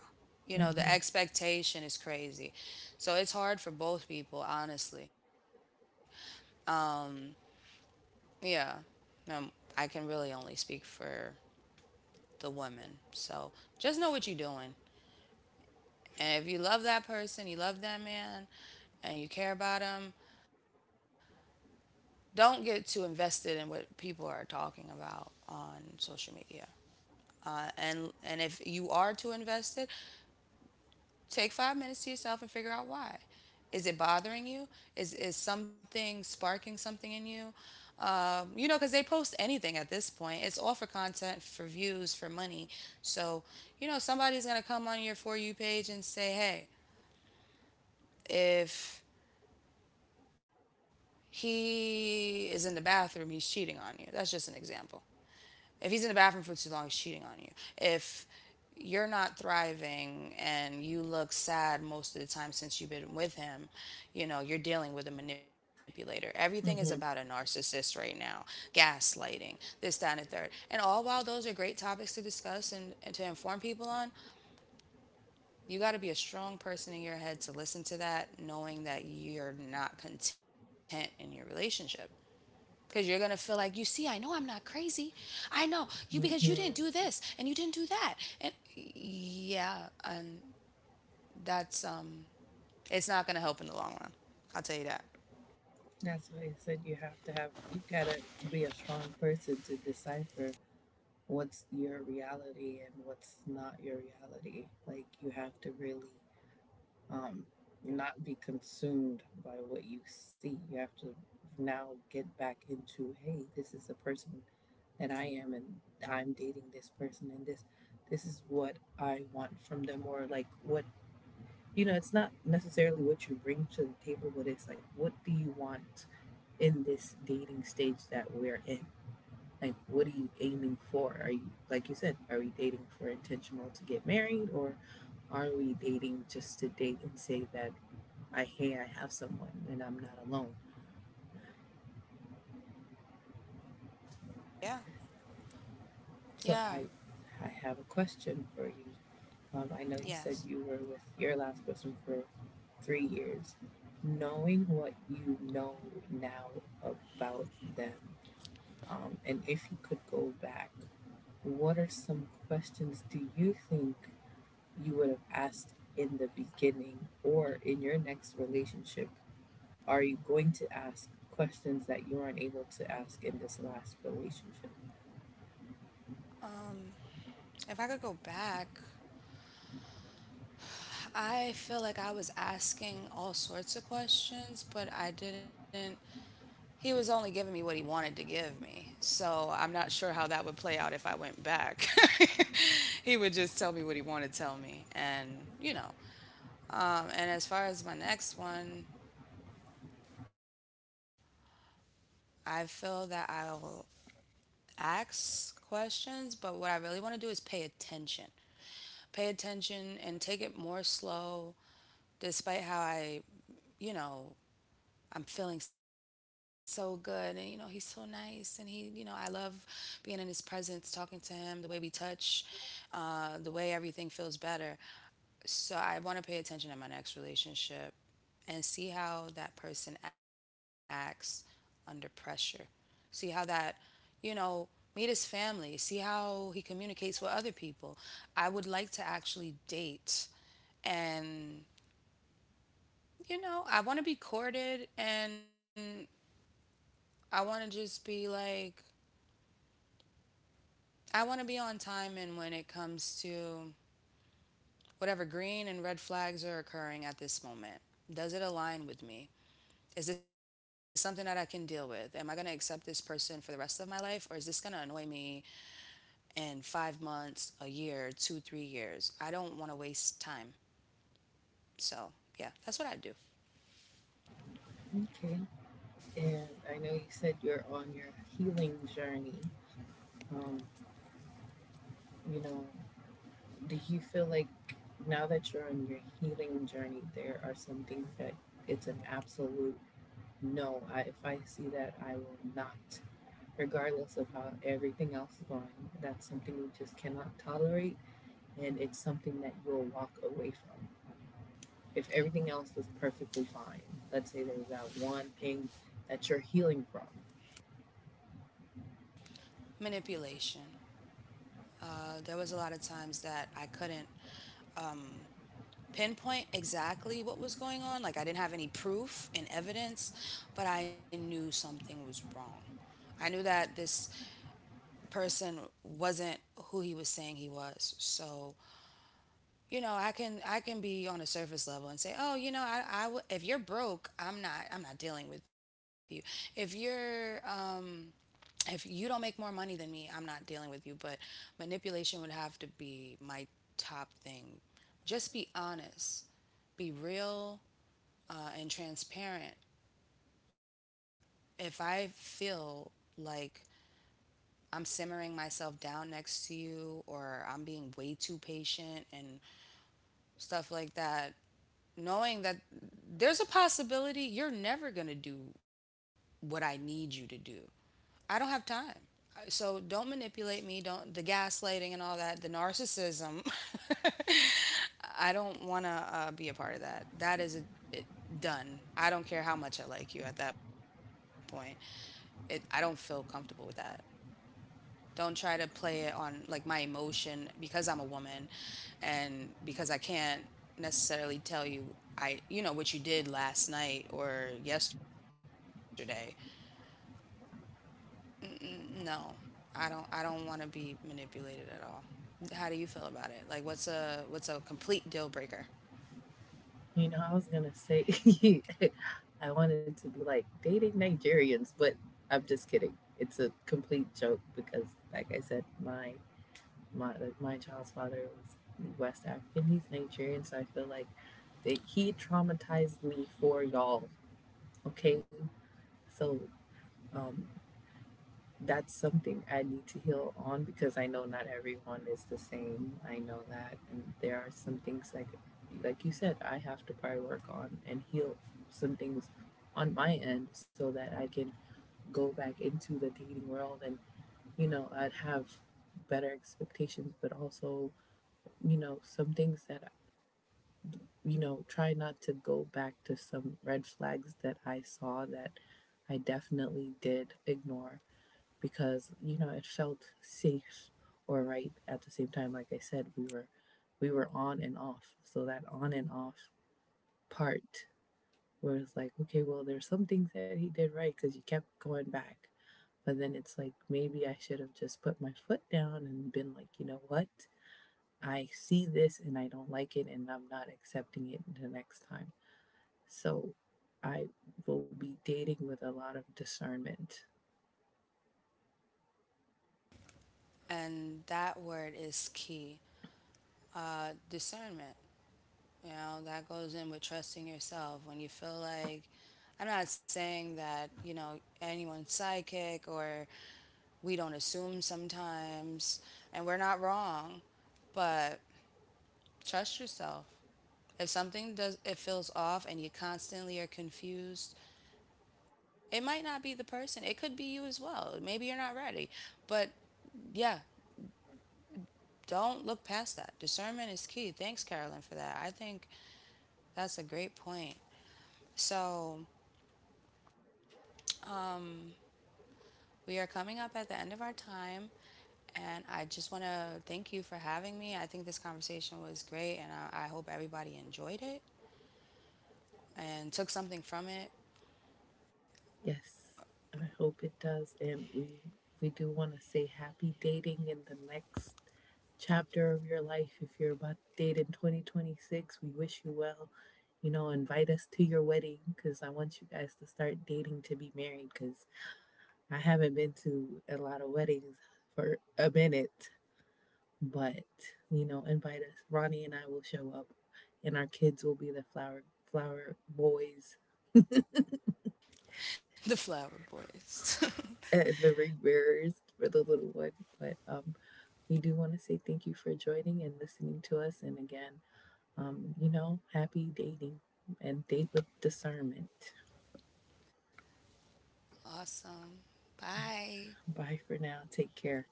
Speaker 2: You know, the
Speaker 1: Mm-hmm.
Speaker 2: expectation is crazy. So it's hard for both people, honestly. Um, yeah. Um, I can really only speak for the women. So just know what you're doing. And if you love that person, you love that man, and you care about him, don't get too invested in what people are talking about on social media. And if you are too invested, take 5 minutes to yourself and figure out why. Is it bothering you? Is something sparking something in you? You know, because they post anything at this point. It's all for content, for views, for money. So you know, somebody's gonna come on your for you page and say, hey, if he is in the bathroom, he's cheating on you. That's just an example. If he's in the bathroom for too long, he's cheating on you. If you're not thriving and you look sad most of the time since you've been with him, you know, you're dealing with a manipulator. Everything is about a
Speaker 1: Mm-hmm.
Speaker 2: narcissist right now, gaslighting, this, that, and the third. And all while those are great topics to discuss and to inform people on, you got to be a strong person in your head to listen to that, knowing that you're not content in your relationship. Because you're going to feel like, you see, I know I'm not crazy. I know you because you
Speaker 1: Mm-hmm.
Speaker 2: didn't do this and you didn't do that. And yeah, and that's it's not going to help in the long run. I'll tell you that.
Speaker 1: That's why I said you have to have you gotta be a strong person to decipher what's your reality and what's not your reality. Like you have to really um, not be consumed by what you see. You have to now get back into, hey, this is the person that I am, and I'm dating this person, and this is what I want from them, or like what you know. It's not necessarily what you bring to the table, but it's like, what do you want in this dating stage that we're in? Like, what are you aiming for? Are you, like you said, are we dating for intentional to get married, or are we dating just to date and say that I hear I have someone and I'm not alone.
Speaker 2: Yeah.
Speaker 1: So
Speaker 2: Yeah.
Speaker 1: I, I have a question for you. I know you
Speaker 2: Yes.
Speaker 1: said you were with your last person for 3 years. Knowing what you know now about them, and if you could go back, what are some questions do you think you would have asked in the beginning or in your next relationship? Are you going to ask questions that you aren't able to ask in this last relationship?
Speaker 2: Um, if I could go back, I feel like I was asking all sorts of questions, but I didn't he was only giving me what he wanted to give me. So I'm not sure how that would play out if I went back. He would just tell me what he wanted to tell me. And, you know, and as far as my next one, I feel that I'll ask questions, but what I really want to do is pay attention. Pay attention and take it more slow, despite how I, you know, I'm feeling so good. And, you know, he's so nice. And he, you know, I love being in his presence, talking to him, the way we touch, the way everything feels better. So I want to pay attention in my next relationship and see how that person acts under pressure. See how that, you know, meet his family, see how he communicates with other people. I would like to actually date, and you know, I want to be courted, and I want to just be like I want to be on time, and when it comes to whatever green and red flags are occurring at this moment. Does it align with me? Is this something that I can deal with? Am I going to accept this person for the rest of my life, or is this going to annoy me in 5 months, a year, two, 3 years? I don't want to waste time. So, yeah, that's what I do.
Speaker 1: Okay. And I know you said you're on your healing journey. Um, you know, do you feel like now that you're on your healing journey, there are some things that it's an absolute no. I, if I see that, I will not, regardless of how everything else is going. That's something you just cannot tolerate, and it's something that you'll walk away from. If everything else was perfectly fine, let's say there was that one thing that you're healing from.
Speaker 2: Manipulation. There was a lot of times that I couldn't um, pinpoint exactly what was going on. Like I didn't have any proof and evidence, but I knew something was wrong. I knew that this person wasn't who he was saying he was. So, you know, I can be on a surface level and say, "Oh, you know, if you're broke, I'm not dealing with you. If you're if you don't make more money than me, I'm not dealing with you." But manipulation would have to be my top thing. Just be honest. Be real, and transparent. If I feel like I'm simmering myself down next to you, or I'm being way too patient and stuff like that, knowing that there's a possibility you're never going to do what I need you to do. I don't have time. So don't manipulate me, don't the gaslighting and all that, the narcissism. I don't want to be a part of that. That is a, it, done. I don't care how much I like you at that point. It I don't feel comfortable with that. Don't try to play it on like my emotion because I'm a woman, and because I can't necessarily tell you I you know what you did last night or yesterday. Mm-mm, no. I don't want to be manipulated at all. How do you feel about it? Like what's a complete deal breaker?
Speaker 1: You know, I was gonna say I wanted to be like dating Nigerians, but I'm just kidding. It's a complete joke because, like I said, my like, my child's father was West African. He's Nigerian, so I feel like that he traumatized me for y'all. Okay, so um, that's something I need to heal on because I know not everyone is the same. I know that, and there are some things like you said, I have to probably work on and heal some things on my end so that I can go back into the dating world, and you know I'd have better expectations. But also you know some things that you know try not to go back to some red flags that I saw that I definitely did ignore because you know it felt safe or right at the same time. Like I said, we were on and off, so that on and off part where it's like, okay, well, there's some things that he did right because you kept going back. But then it's like maybe I should have just put my foot down and been like, you know what, I see this and I don't like it and I'm not accepting it the next time. So I will be dating with a lot of discernment.
Speaker 2: And that word is key. Uh, discernment. You know, that goes in with trusting yourself. When you feel like, I'm not saying that, you know, anyone's psychic, or we don't assume sometimes and we're not wrong, but trust yourself. If something does it feels off and you constantly are confused, it might not be the person. It could be you as well. Maybe you're not ready. But yeah, don't look past that. Discernment is key. Thanks, Carolyn, for that. I think that's a great point. So we are coming up at the end of our time, and I just want to thank you for having me. I think this conversation was great, and I hope everybody enjoyed it and took something from it.
Speaker 1: Yes, I hope it does. And we do want to say happy dating in the next chapter of your life. If you're about to date in 2026, we wish you well. You know, invite us to your wedding because I want you guys to start dating to be married, because I haven't been to a lot of weddings for a minute. But, you know, invite us. Ronnie and I will show up and our kids will be the flower boys
Speaker 2: The Flower Boys.
Speaker 1: and the ring bearers for the little one. But we do want to say thank you for joining and listening to us. And again, you know, happy dating and date with discernment.
Speaker 2: Awesome. Bye.
Speaker 1: Bye for now. Take care.